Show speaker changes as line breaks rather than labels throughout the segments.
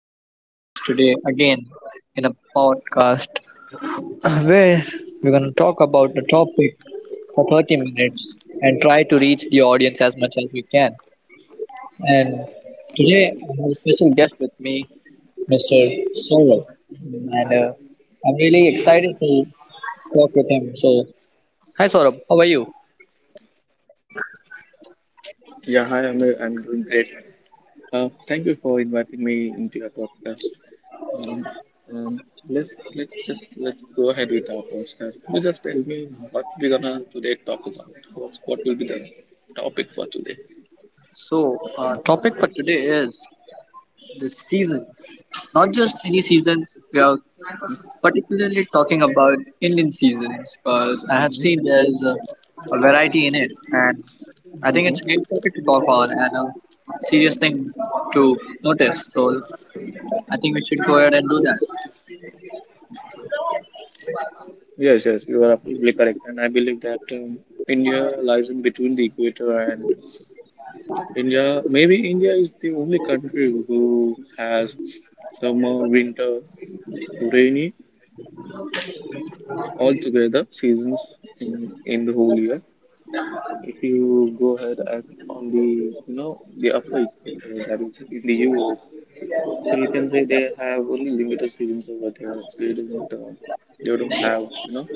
for joining us today again in a podcast where we're going to talk about a topic for 30 minutes and try to reach the audience as much as we can. And today I have a special guest with me, Mr. Saurabh. And I'm really excited to talk with him. So, hi Saurabh, how are you?
Yeah, hi, Amir. I'm doing great. Thank you for inviting me into your podcast. Um, um, let's go ahead with our podcast. You just tell me what we're gonna today talk about. What will be the topic for today?
So, our topic for today is the seasons. Not just any seasons, we are particularly talking about Indian seasons because I have
Mm-hmm.
seen there's a variety in it, and I think it's a
Mm-hmm.
great topic to talk on and a serious thing to notice. So I think we should go ahead and do that.
Yes, yes, you are absolutely correct, and I believe that India lies in between the equator and India. Maybe India is the only country who has summer, winter, rainy, altogether seasons in the whole year. If you go ahead and on the the upper equator that is in the Europe, so you can say they have only limited seasons over there. Don't uh, they don't have you know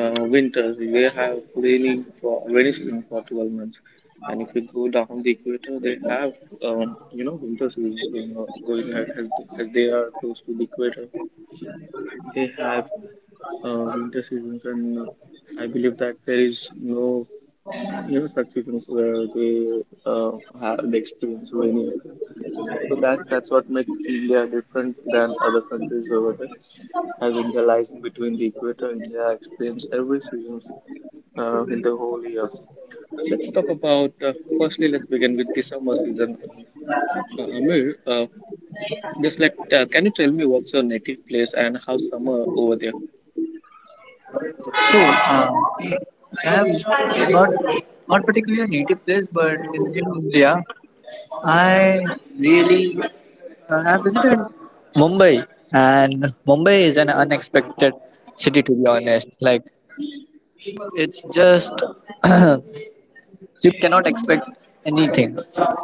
uh, winters. They have raining for rainy season for 12 months. And if you go down the equator, they have winter seasons going ahead as they are close to the equator. They have winter seasons, and I believe that there is no such seasons where they have the experience rainy as well. So that's what makes India different than other countries over there. As India lies in between the equator, India experiences every season in the whole year. Let's talk about firstly. Let's begin with the summer season. Amir, just let can you tell me what's your native place and how summer over there?
So um, I have not particularly a native place, but in India, I really I have visited Mumbai, and Mumbai is an unexpected city to be honest. Like, it's just you cannot expect anything.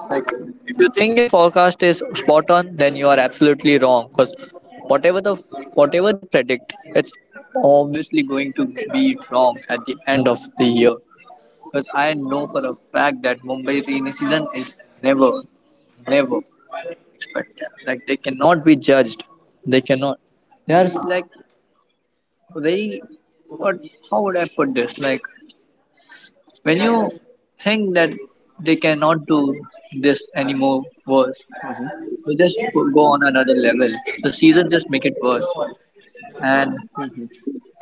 Like, if you think your forecast is spot on, then you are absolutely wrong because whatever the whatever they predict, it's obviously going to be wrong at the end of the year. Because I know for a fact that Mumbai rainy season is never, never expected. Like they cannot be judged. They cannot. They are like very. What? How would I put this? Like when you think that they cannot do this anymore worse,
Mm-hmm.
they just go on another level. The season just make it worse. And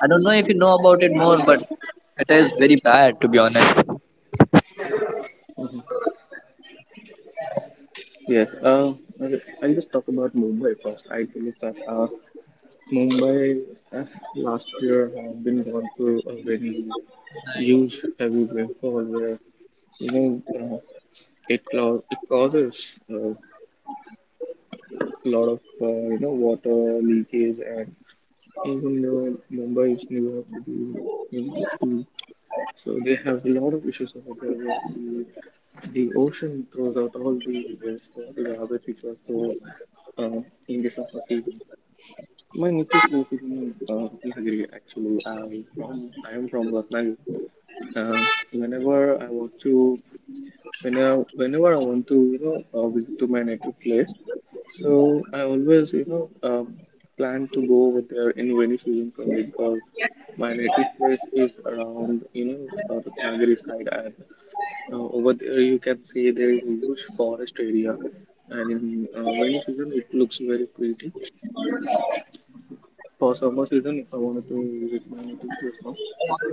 I don't know if you know about it more, but it is very bad to be honest.
Mm-hmm. Yes, I'll just talk about Mumbai first. I believe that Mumbai uh, last year have been gone through a very huge heavy rainfall where you know uh, it causes a lot of water leakage and even though Mumbai is New York City, you know, so they have a lot of issues over there. Where the ocean throws out all the waste, all the garbage which was thrown uh, in the surface region. My native place is in Ratnagiri. Actually, I am from Ratnagiri. Um whenever I want to whenever I want to visit to my native place. So I always plan to go over there in rainy season for me because my native place is around Ratnagiri side and over there you can see there is a huge forest area and in rainy season it looks very pretty. For summer season, if I wanted to visit my native place now,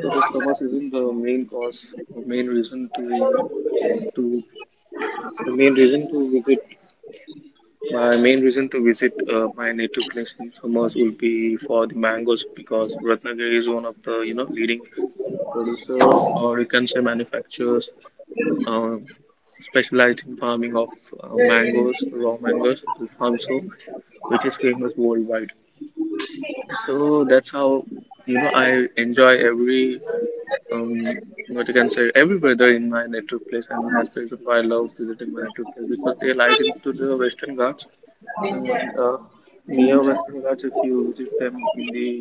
so for summer season, the main cause, or main reason to you know, to the main reason to visit My main reason to visit my native place in summers will be for the mangoes because Ratnagiri is one of the leading producer or you can say manufacturers uh, specialized in farming of mangoes, raw mangoes, Alfonso, which is famous worldwide. So that's how I enjoy every what you can say every weather in my native place, and that's the reason why I love visiting my native place because they lies into the Western Ghats and near Western Ghats, if you visit them in the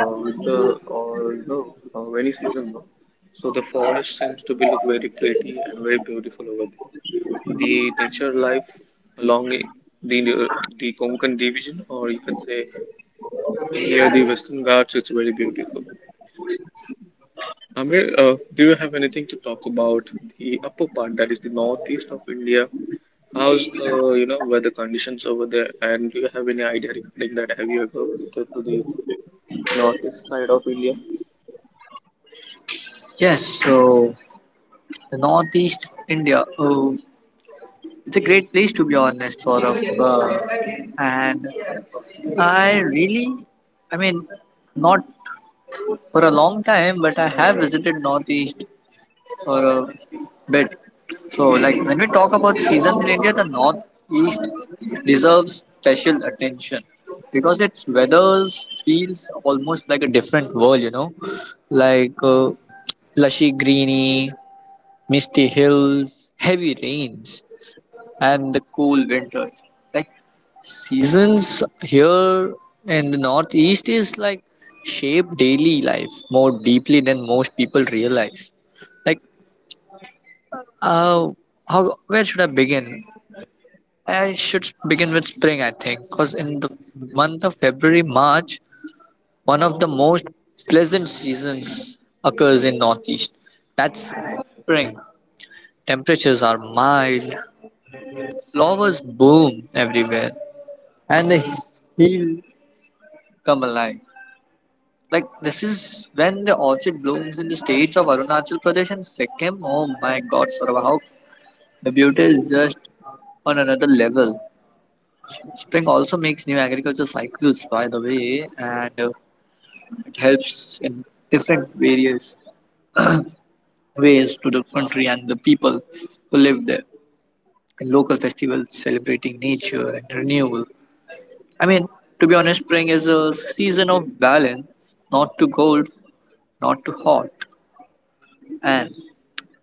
winter or any season, no? So the forest seems to be look very pretty and very beautiful over there. The nature life along i- the the Konkan division, or you can say near the Western Ghats, it's very beautiful. Amir, do you have anything to talk about the upper part, that is the northeast of India? How's the weather conditions over there? And do you have any idea regarding that? Have you ever visited to the northeast side of India?
Yes, so the Northeast India. Oh, it's a great place to be honest, Saurabh. And I really, I mean, not for a long time, but I have visited Northeast for a bit. So, like, when we talk about seasons in India, the Northeast deserves special attention because its weather feels almost like a different world, you know, like lushy greeny, misty hills, heavy rains, and the cool winters. Like, seasons here in the Northeast is like shape daily life more deeply than most people realize. Like, uh, how where should I begin? I should begin with spring, I think, because in the month of February, March, one of the most pleasant seasons occurs in Northeast. That's spring. Temperatures are mild, flowers bloom everywhere, and the hills come alive. Like this is when the orchid blooms in the states of Arunachal Pradesh and Sikkim. Oh my God, Saurabh, how the beauty is just on another level. Spring also makes new agriculture cycles, by the way, and it helps in different various ways to the country and the people who live there. And local festivals celebrating nature and renewal. I mean, to be honest, spring is a season of balance, not too cold, not too hot, and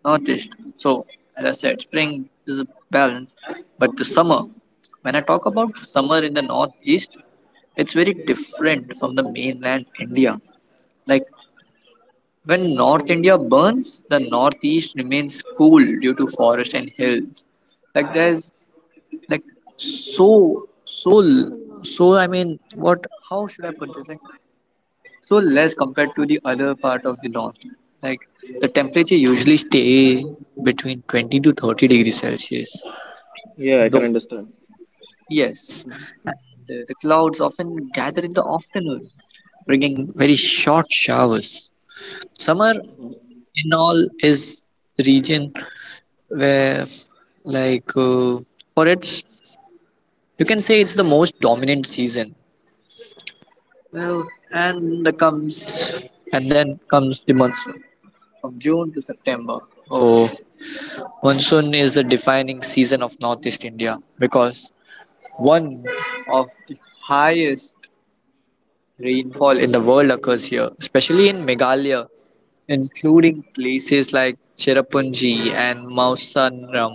northeast. So, as I said, spring is a balance, but the summer, when I talk about summer in the northeast, it's very different from the mainland India. Like when North India burns, the northeast remains cool due to forest and hills. Like there's like so so so I mean what how should I put this? Like so less compared to the other part of the north, like the temperature usually stay between 20 to 30 degrees celsius
Yeah, I can
though
understand.
yes, and the clouds often gather in the afternoon bringing very short showers. Summer in all is the region where like for its you can say it's the most dominant season well, and then comes the monsoon from June to September. Oh, monsoon is the defining season of Northeast India because one of the highest rainfall in the world occurs here, especially in Meghalaya, including places like Cherrapunji and Mausanram.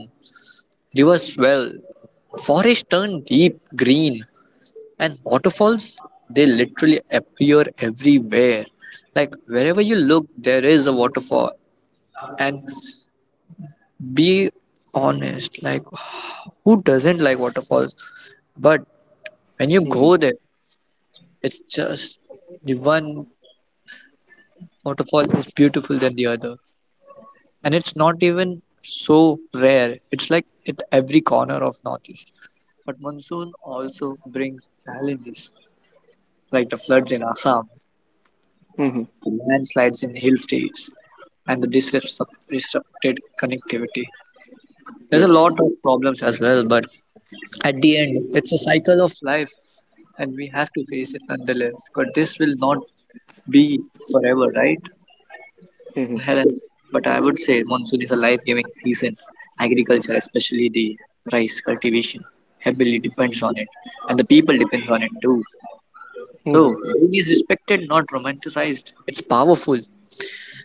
Rivers swell, forests turn deep green, and waterfalls they literally appear everywhere. Like wherever you look, there is a waterfall, and be honest like who doesn't like waterfalls, but when you
Hmm.
go there it's just the one waterfall is beautiful than the other, and it's not even so rare, it's like at every corner of northeast. But monsoon also brings challenges like the floods in Assam,
Hmm.
the landslides in hill states, and the disrupted connectivity. There's a
Yes.
lot of problems as well, but at the end, it's a cycle of life, and we have to face it nonetheless. But this will not be forever, right?
Hmm.
Helen, but I would say monsoon is a life-giving season. Agriculture, especially the rice cultivation, heavily depends on it, and the people depends on it too. So
Hmm.
rain is respected, not romanticized. It's powerful,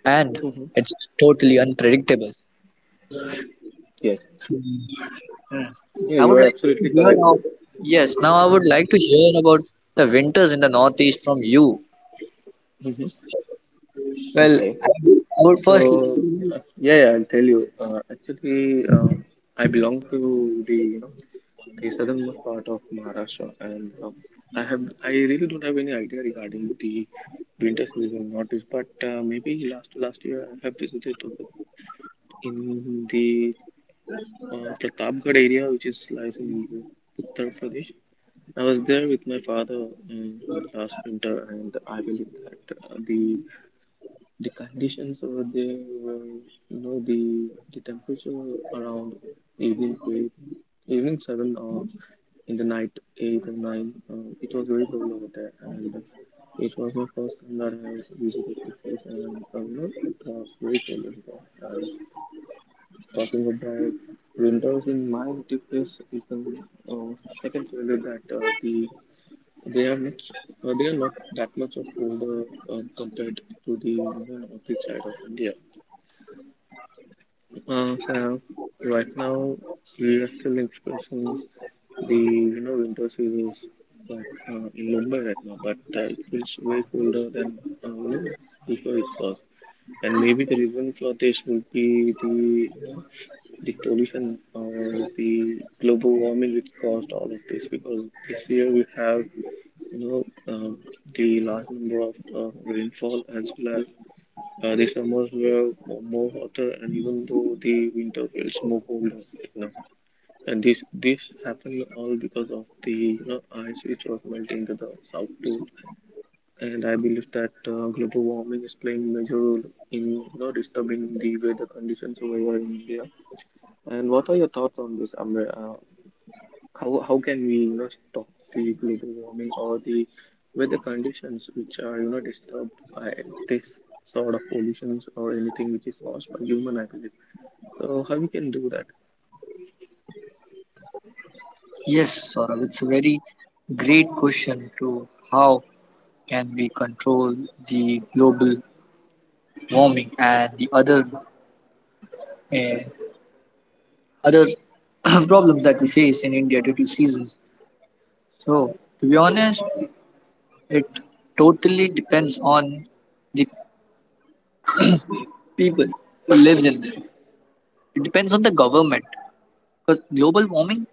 and
Hmm.
it's totally unpredictable.
Yes.
So, hmm.
Yeah,
I
you
would
are
like to
absolutely
hear
correct.
now. Yes, now I would like to hear about the winters in the Northeast from you.
Hmm.
Well,
Okay.
I would
So,
first.
yeah, yeah, I'll tell you. I belong to the the southernmost part of Maharashtra, and I really don't have any idea regarding the winter season in northeast. But maybe last year I have visited to the, in the Pratapgarh area, which is lies in Uttar Pradesh. I was there with my father in the last winter, and I believe that the conditions over there were the temperature around evening eight evening seven or in the night eight or nine, it was very cold over there and it was my first time that I was visited the place and it was very cold over there and talking about winters in my native place is the uh, I can tell you that the they are much, they are not that much of older compared to the northeast side of India. So right now we are still experiencing the winter seasons, but in Mumbai right now, but it feels way colder than before it was. And maybe the reason for this would be the the pollution or the global warming which caused all of this because this year we have you know, um, the large number of rainfall as well as the summers were more hotter, and even though the winter feels more colder, you know. And this happened all because of the ice which was melting to the South Pole, and I believe that global warming is playing major role in disturbing the weather conditions over here in India. And what are your thoughts on this, Amre? How can we stop the global warming or the weather conditions which are disturbed by this sort of pollutions or anything which is caused by human activity? So how we can do that?
Yes, Saurabh, it's a very great question to how can we control the global warming and the other uh, other problems that we face in India due to seasons. So, to be honest, it totally depends on the people who lives in. It depends on the government, because global warming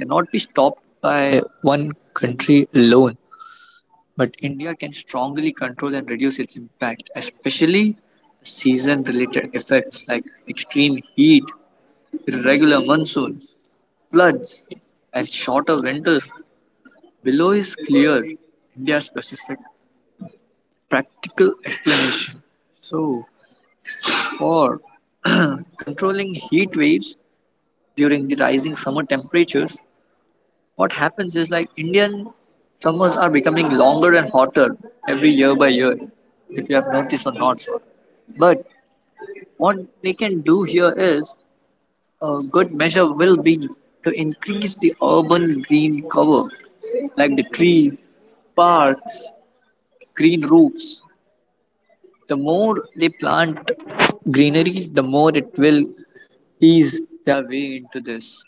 cannot be stopped by one country alone, but India can strongly control and reduce its impact, especially season related effects like extreme heat, irregular monsoons, floods, and shorter winters. Below is clear India specific practical explanation. So, for controlling heat waves during the rising summer temperatures, what happens is like Indian summers are becoming longer and hotter every year by year, if you have noticed or not. But what they can do here is a good measure will be to increase the urban green cover, like the trees, parks, green roofs. The more they plant greenery, the more it will ease their way into this.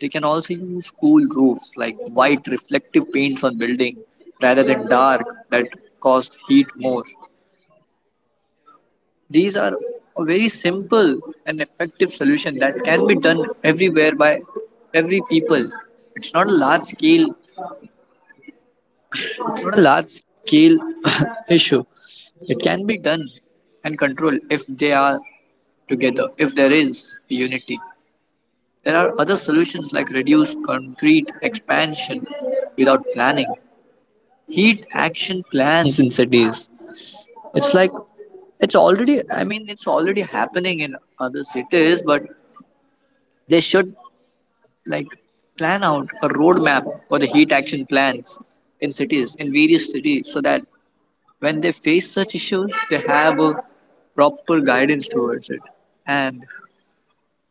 They can also use cool roofs like white reflective paints on building rather than dark that cost heat more. These are a very simple and effective solution that can be done everywhere by every people. It's not a large scale, it's not a large scale issue. It can be done and controlled if they are together, if there is unity. There are other solutions like reduce concrete expansion without planning heat action plans in cities. It's like it's already, I mean it's already happening in other cities, but they should like plan out a roadmap for the heat action plans in cities, in various cities, so that when they face such issues, they have a proper guidance towards it. And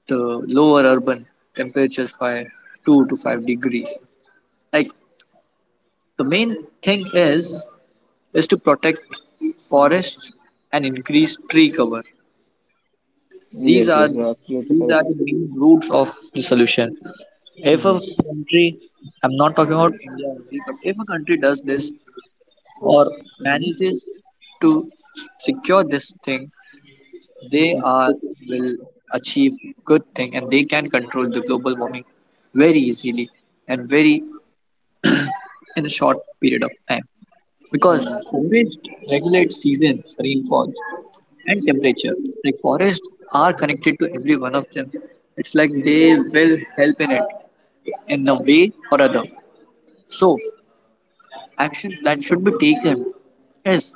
the lower urban temperatures by 2 to 5 degrees. Like the main thing is to protect forests and increase tree cover. These
Yes,
are
yes, no, absolutely
these
correct.
are the main roots of the solution. If a
Mm-hmm.
country, I'm not talking about India only, but if a country does this or
Mm-hmm.
manages to secure this thing, they are will achieve good thing and they can control the global warming very easily and very in a short period of time, because
Mhm.
forest regulates seasons rainfall and temperature. Like forests are connected to every one of them. It's like they will help in it in a way or other. So actions that should be taken is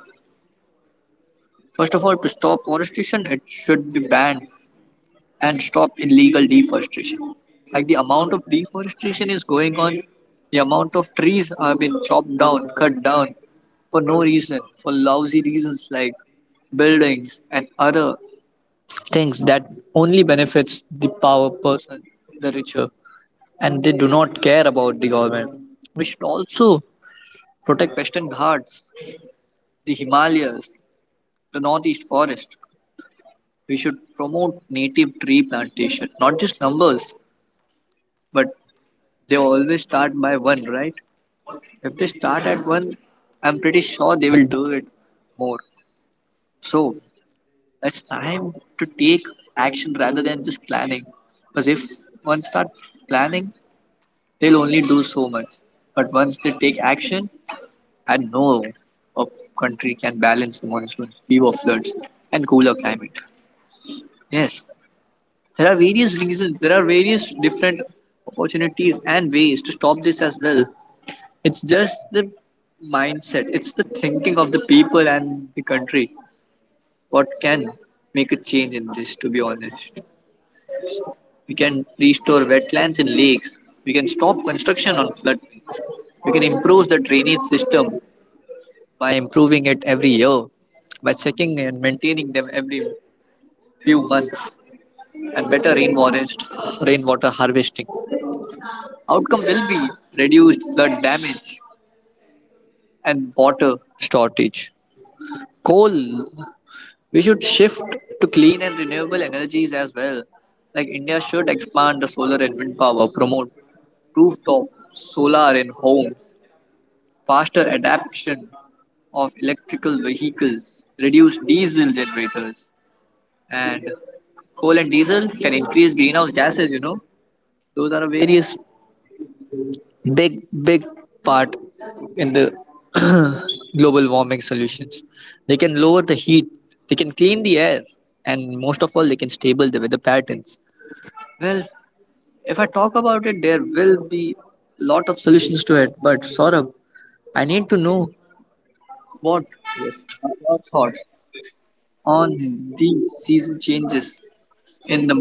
first of all to stop forestation, it should be banned, and stop illegal deforestation. Like the amount of deforestation is going on, the amount of trees are being chopped down, cut down for no reason, for lousy reasons like buildings and other things that only benefits the power person, the richer, and they do not care about the government. We should also protect Western Ghats, the Himalayas, the Northeast Forest. We should promote native tree plantation, not just numbers, but they always start by one, right? If they start at one, I'm pretty sure they will do it more. So it's time to take action rather than just planning. Because if one starts planning, they'll only do so much. But once they take action, I know a country can balance the monsoons, fewer floods, and cooler climate. Yes, there are various reasons, there are various different opportunities and ways to stop this as well. It's just the mindset, it's the thinking of the people and the country. What can make a change in this, to be honest? We can restore wetlands and lakes. We can stop construction on floodplains. We can improve the drainage system by improving it every year, by checking and maintaining them every few months, and better rainforest rainwater harvesting. Outcome will be reduced flood damage and water shortage. Coal, we should shift to clean and renewable energies as well. Like India should expand the solar and wind power, promote rooftop solar in homes, faster adoption of electrical vehicles, reduce diesel generators, and coal and diesel can increase greenhouse gases those are a various big part in the global warming solutions. They can lower the heat, they can clean the air, and most of all they can stable the weather patterns. Well, if I talk about it there will be lot of solutions to it, but Saurabh, I need to know what
Yes.
are your thoughts on the season changes in the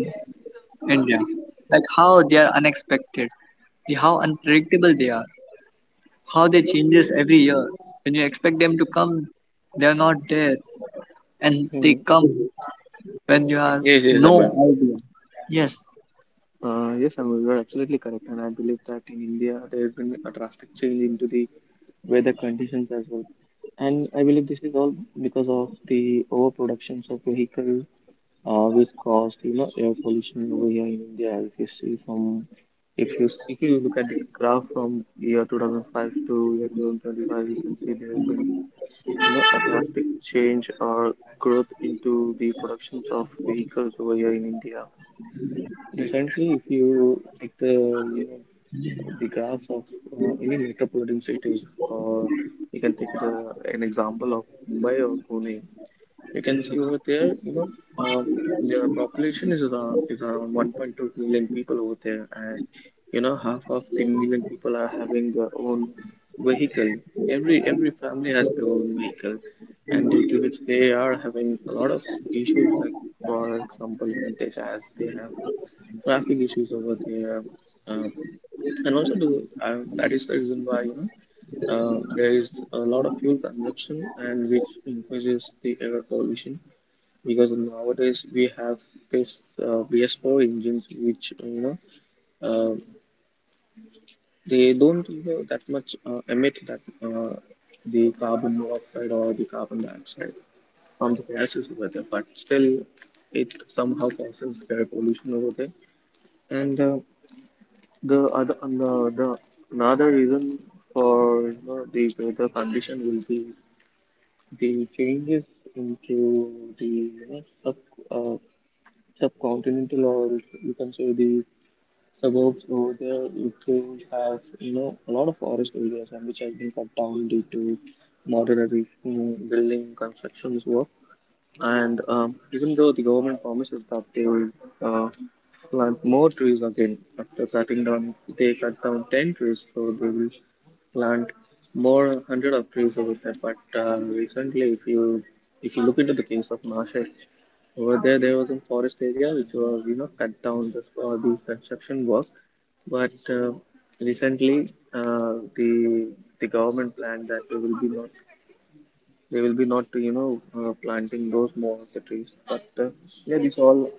India. Like how they are unexpected, how unpredictable they are, how they changes every year. When you expect them to come, they are not there, and they
Mm.
come when you have
Yes, yes,
no
Amir.
idea. Yes,
Yes, Amol, you are absolutely correct, and I believe that in India there has been a drastic change into the weather conditions as well. And I believe this is all because of the overproductions of vehicle, which caused air pollution over here in India. If you see from if you look at the graph from year 2005 to year 2025, you can see there has been a drastic change or growth into the productions of vehicles over here in India. Recently, if you take the the graphs of any metropolitan cities, or you can take the, an example of Mumbai or Pune, you can see over there, uh, their population is around 1.2 million people over there, and you know half of the million people are having their own vehicle. Every family has their own vehicle, and due to which they are having a lot of issues, like for example you can take as they have traffic issues over there, uh, and also the that is the reason why there is a lot of fuel consumption and which increases the air pollution because nowadays we have this BS4 engines which uh, they don't that much emit that the carbon monoxide or the carbon dioxide from the gases over there, but still it somehow causes air pollution over there. And The other, and the another reason for the weather condition will be the changes into the uh, subcontinental or you can say the suburbs over there. Ukraine has a lot of forest areas and which has been cut down due to moderate building constructions work. And even though the government promises that they will uh, plant more trees again after cutting down, they cut down 10 trees, so they will plant more 100 of trees over there. But recently, if you look into the case of Nashik, over there there was a forest area which was cut down just for the construction work. But recently, the government planned that they will be not planting those more of the trees. But yeah,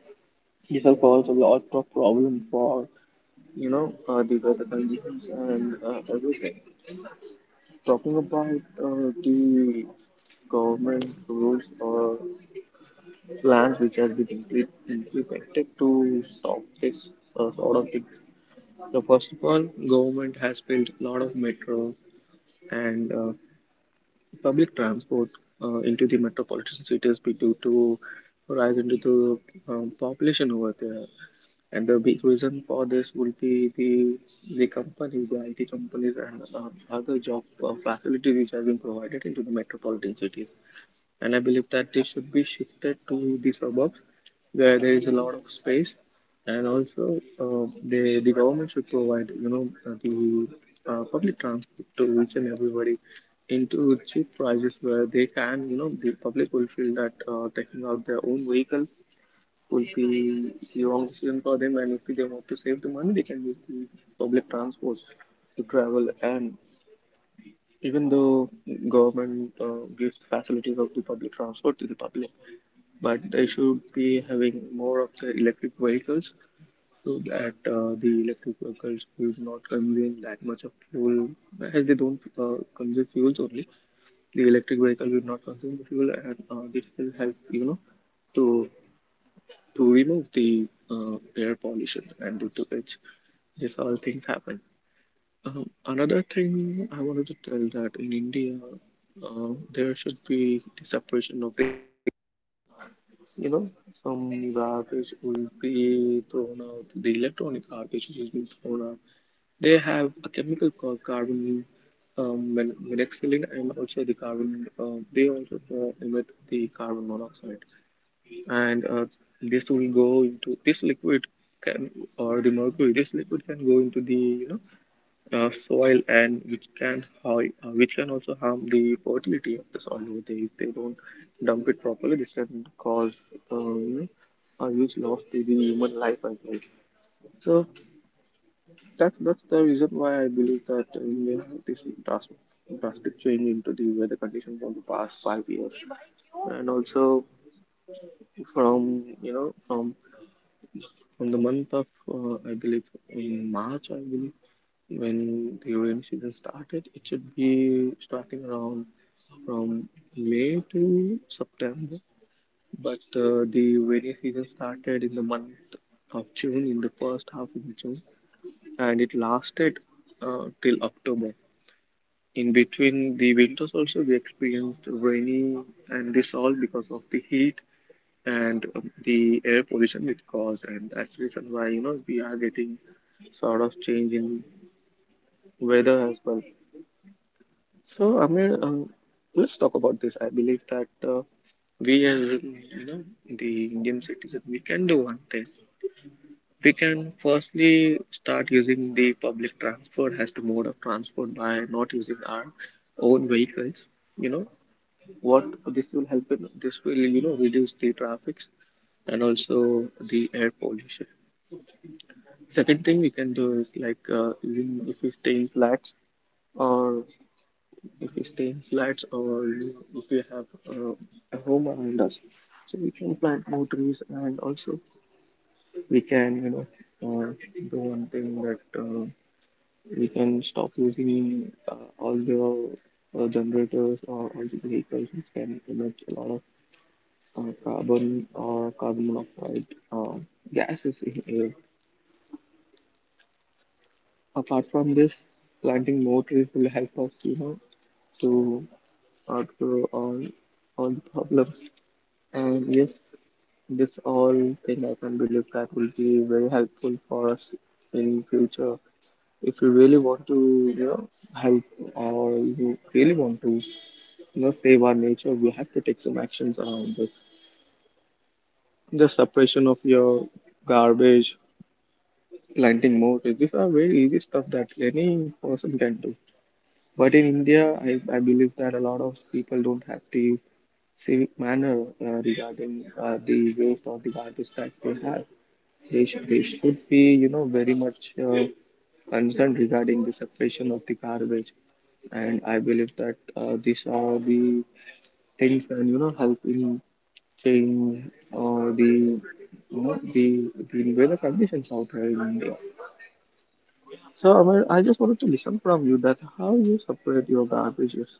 this all cause a lot of problem for the weather conditions and everything. Talking about the government rules or plans which has been implemented to stop this sort of thing. So first of all, government has built a lot of metro and public transport into the metropolitan cities be due to rise into the population over there. And the big reason for this would be the companies, the IT companies, and other job facilities which have been provided into the metropolitan cities, and I believe that this should be shifted to the suburbs where there is a lot of space. And also, the government should provide the public transport to each and everybody into cheap prices, where they can, the public will feel that taking out their own vehicle will be the wrong decision for them, and if they want to save the money, they can use the public transport to travel. And even though government gives facilities of the public transport to the public, but they should be having more of the electric vehicles, so that the electric vehicles will not consume that much of fuel, as they don't consume fuels only. The electric vehicle will not consume the fuel, and this will help, to remove the air pollution, and due to which this all things happen. Another thing I wanted to tell that in India, there should be the separation of the, you know, some garbage will be thrown out, the electronic garbage which is being thrown out. They have a chemical called carbon monoxide, and also the carbon, they also emit the carbon monoxide. And this will go into this liquid can, or the mercury, this liquid can go into the, soil, and which can which can also harm the fertility of the soil over there. If they don't dump it properly, this can cause, uh, you know a huge loss to the human life as well. So that's the reason why I believe that we may have this drastic change into the weather conditions from the past 5 years. And also, from you know from the month of I believe in March, I believe, when the rainy season started, it should be starting around from May to September, but the rainy season started in the month of June, in the first half of June, and it lasted till October. In between the winters also we experienced rainy, and this all because of the heat and the air pollution which caused, and that's the reason why, we are getting sort of change in weather as well. So let's talk about this. I believe that we, as you know, the Indian citizen, we can do one thing. We can firstly start using the public transport as the mode of transport by not using our own vehicles. You know what this will help in, this will, reduce the traffics and also the air pollution. Second thing we can do is like, even if we stay in flats or if we stay in flats or if we have a home around us, so we can plant more trees. And also we can, uh, do one thing, that we can stop using all the generators or all the vehicles which can emit a lot of carbon or carbon monoxide uh, gases in air. Apart from this, planting more trees will help us, you know, to outgrow all the problems. And yes, this all thing I can believe that will be very helpful for us in future. If you really want to, you know, help, or you really want to, you know, save our nature, we have to take some actions around this. The separation of your garbage, planting more trees. These are very easy stuff that any person can do. But in India, I believe that a lot of people don't have the civic manner regarding the waste or the garbage that they have. They, they should be, you know, very much concerned regarding the separation of the garbage. And I believe that these are the things that, you know, help in change the, you know, the weather conditions out here in India. So, Amir, I just wanted to listen from you that how you separate your garbages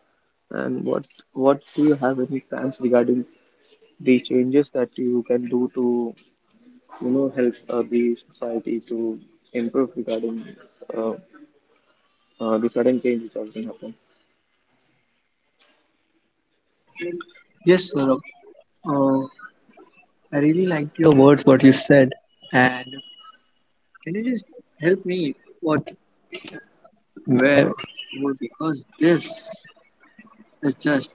and what do you have any plans regarding the changes that you can do to, help the society to improve regarding uh, the sudden changes that can happen.
yes, Saurabh. Uh, I really liked your words what you said, and can you just help me what where would, because this is just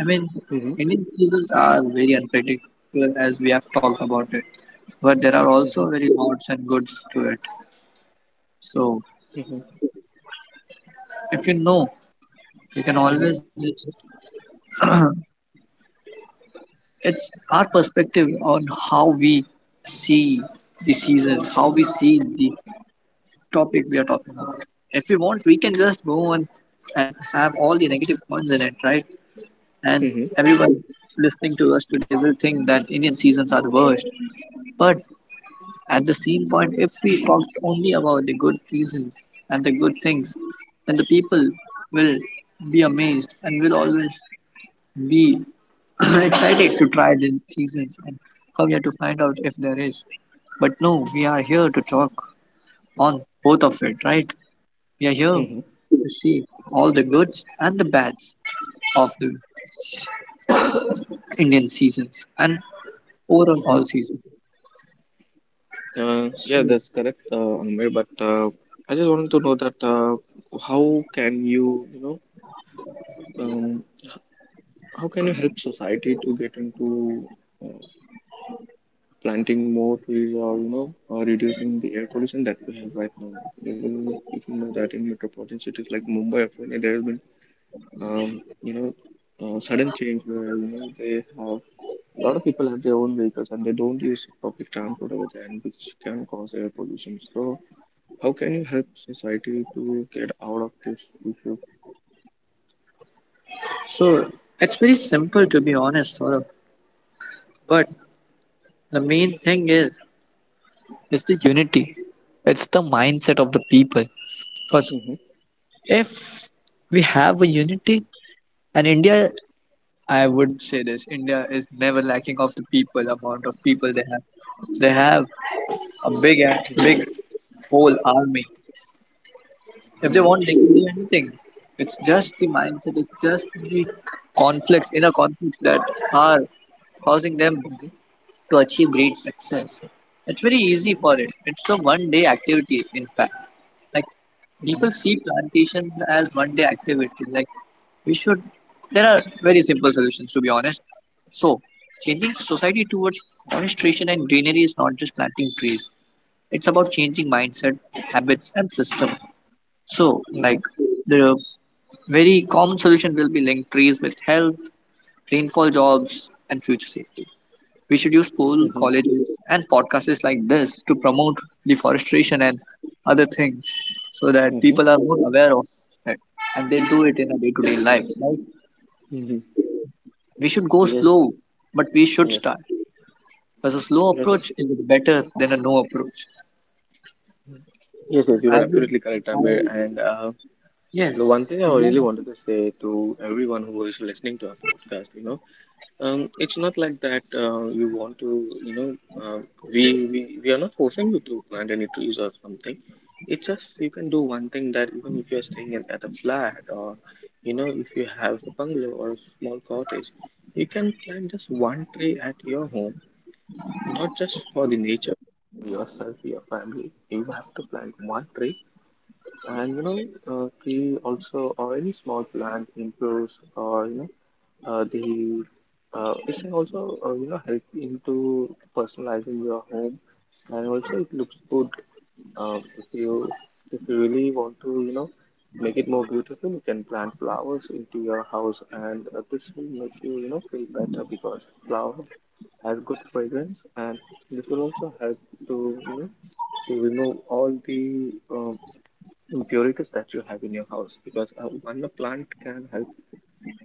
I mean,
Mm-hmm.
Indian seasons are very unpredictable as we have talked about it, but there are
Mm-hmm.
also very odds and goods to it. So,
Mm-hmm.
if you know, you can always just, it's our perspective on how we see the seasons, how we see the topic we are talking about. If we want, we can just go and have all the negative points in it, right? And
Mm-hmm. Mm-hmm.
everyone listening to us today will think that Indian seasons are the worst, but at the same point, if we talked only about the good reasons and the good things, then the people will be amazed and will always be excited to try the seasons and come here to find out if there is. But no, we are here to talk on both of it, right? We are here
Mm-hmm.
to see all the goods and the bads of the Indian seasons and overall all
Mm-hmm.
seasons. So,
Yeah, that's correct, Amir. But I just wanted to know that how can you, you know, um, how can you help society to get into uh, planting more trees, or you know reducing the air pollution that we have right now? Even if you know that in metropolitan cities like Mumbai, apparently there has been, um, you know sudden change where, you know, they have, a lot of people have their own vehicles and they don't use public transport over there, and which can cause air pollution. So how can you help society to get out of this issue?
so, it's very simple to be honest, Saurabh. But the main thing is it's the unity. It's the mindset of the people. Because
Mm-hmm.
if we have a unity, and India, I would say this, India is never lacking of the people, amount of people they have. They have a big, big whole army. If they want, they can do anything. It's just the mindset. It's just the conflicts, inner conflicts that are causing them to achieve great success. It's very easy for it. It's a one day activity, in fact. Like people see plantations as one day activity. Like we should, there are very simple solutions to be honest. So, changing society towards forestation and greenery is not just planting trees, it's about changing mindset, habits, and system. So,
Mm-hmm.
like the very common solution will be linked trees with health, rainfall jobs, and future safety. We should use school,
Mm-hmm.
colleges, and podcasts like this to promote deforestation and other things so that
Mm-hmm.
people are more aware of it and they do it in a day to day life. Right?
Mm-hmm.
We should go
Yes.
slow, but we should
Yes.
start, because a slow
Yes. Sir.
approach is better than a no approach.
Yes, yes, you
I
are
would-
absolutely correct, Amir. And
yes,
the one thing I really wanted to say to everyone who is listening to our podcast, you know, it's not like that you want to, you know, we are not forcing you to plant any trees or something. It's just you can do one thing, that even if you're staying in, at a flat, or you know, if you have a bungalow or a small cottage, you can plant just one tree at your home, not just for the nature, for yourself, your family. You have to plant one tree. And you know, tree also, or any small plant improves, or you know the it can also, you know, help into personalizing your home, and also it looks good. If you, really want to, you know, make it more beautiful, you can plant flowers into your house, and this will make you, you know feel better, because flower has good fragrance. And this will also help to, to remove all the impurities that you have in your house. Because one, the plant can help,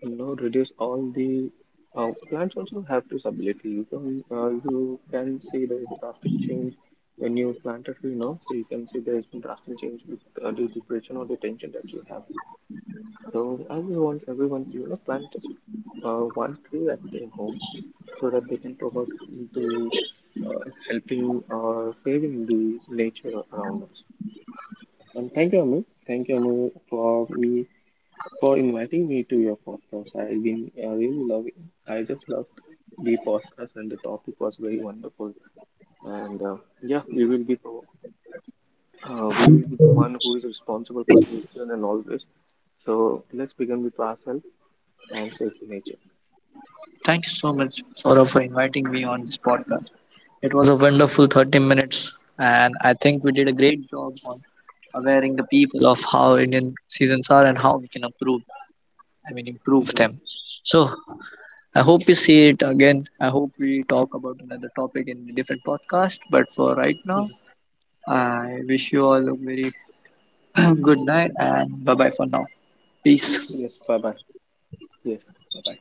reduce all the plants also have this ability. You can you can see there is a drastic change when you plant a tree, you know. So you can see there has been drastic change with the depression or the tension that you have. So I just want everyone to, plant just one tree at their home, so that they can promote into, uh, helping or saving the nature around us. And thank you, Amir. Thank you, Amir, for me, for inviting me to your podcast. I've been really loving. I just loved the podcast, and the topic was very wonderful. And yeah, we will be we will be the one who is responsible for the nature and all this. So let's begin with ourselves and save the nature.
thank you so much, Saurabh, for inviting me on this podcast. It was a wonderful 30 minutes, and I think we did a great job on awareing the people of how Indian seasons are and how we can improve, I mean, improve
Hmm.
them. So I hope we see it again. I hope we talk about another topic in a different podcast. But for right now, I wish you all a very good night and bye bye for now. Peace.
Yes. Bye bye. Yes. Bye bye.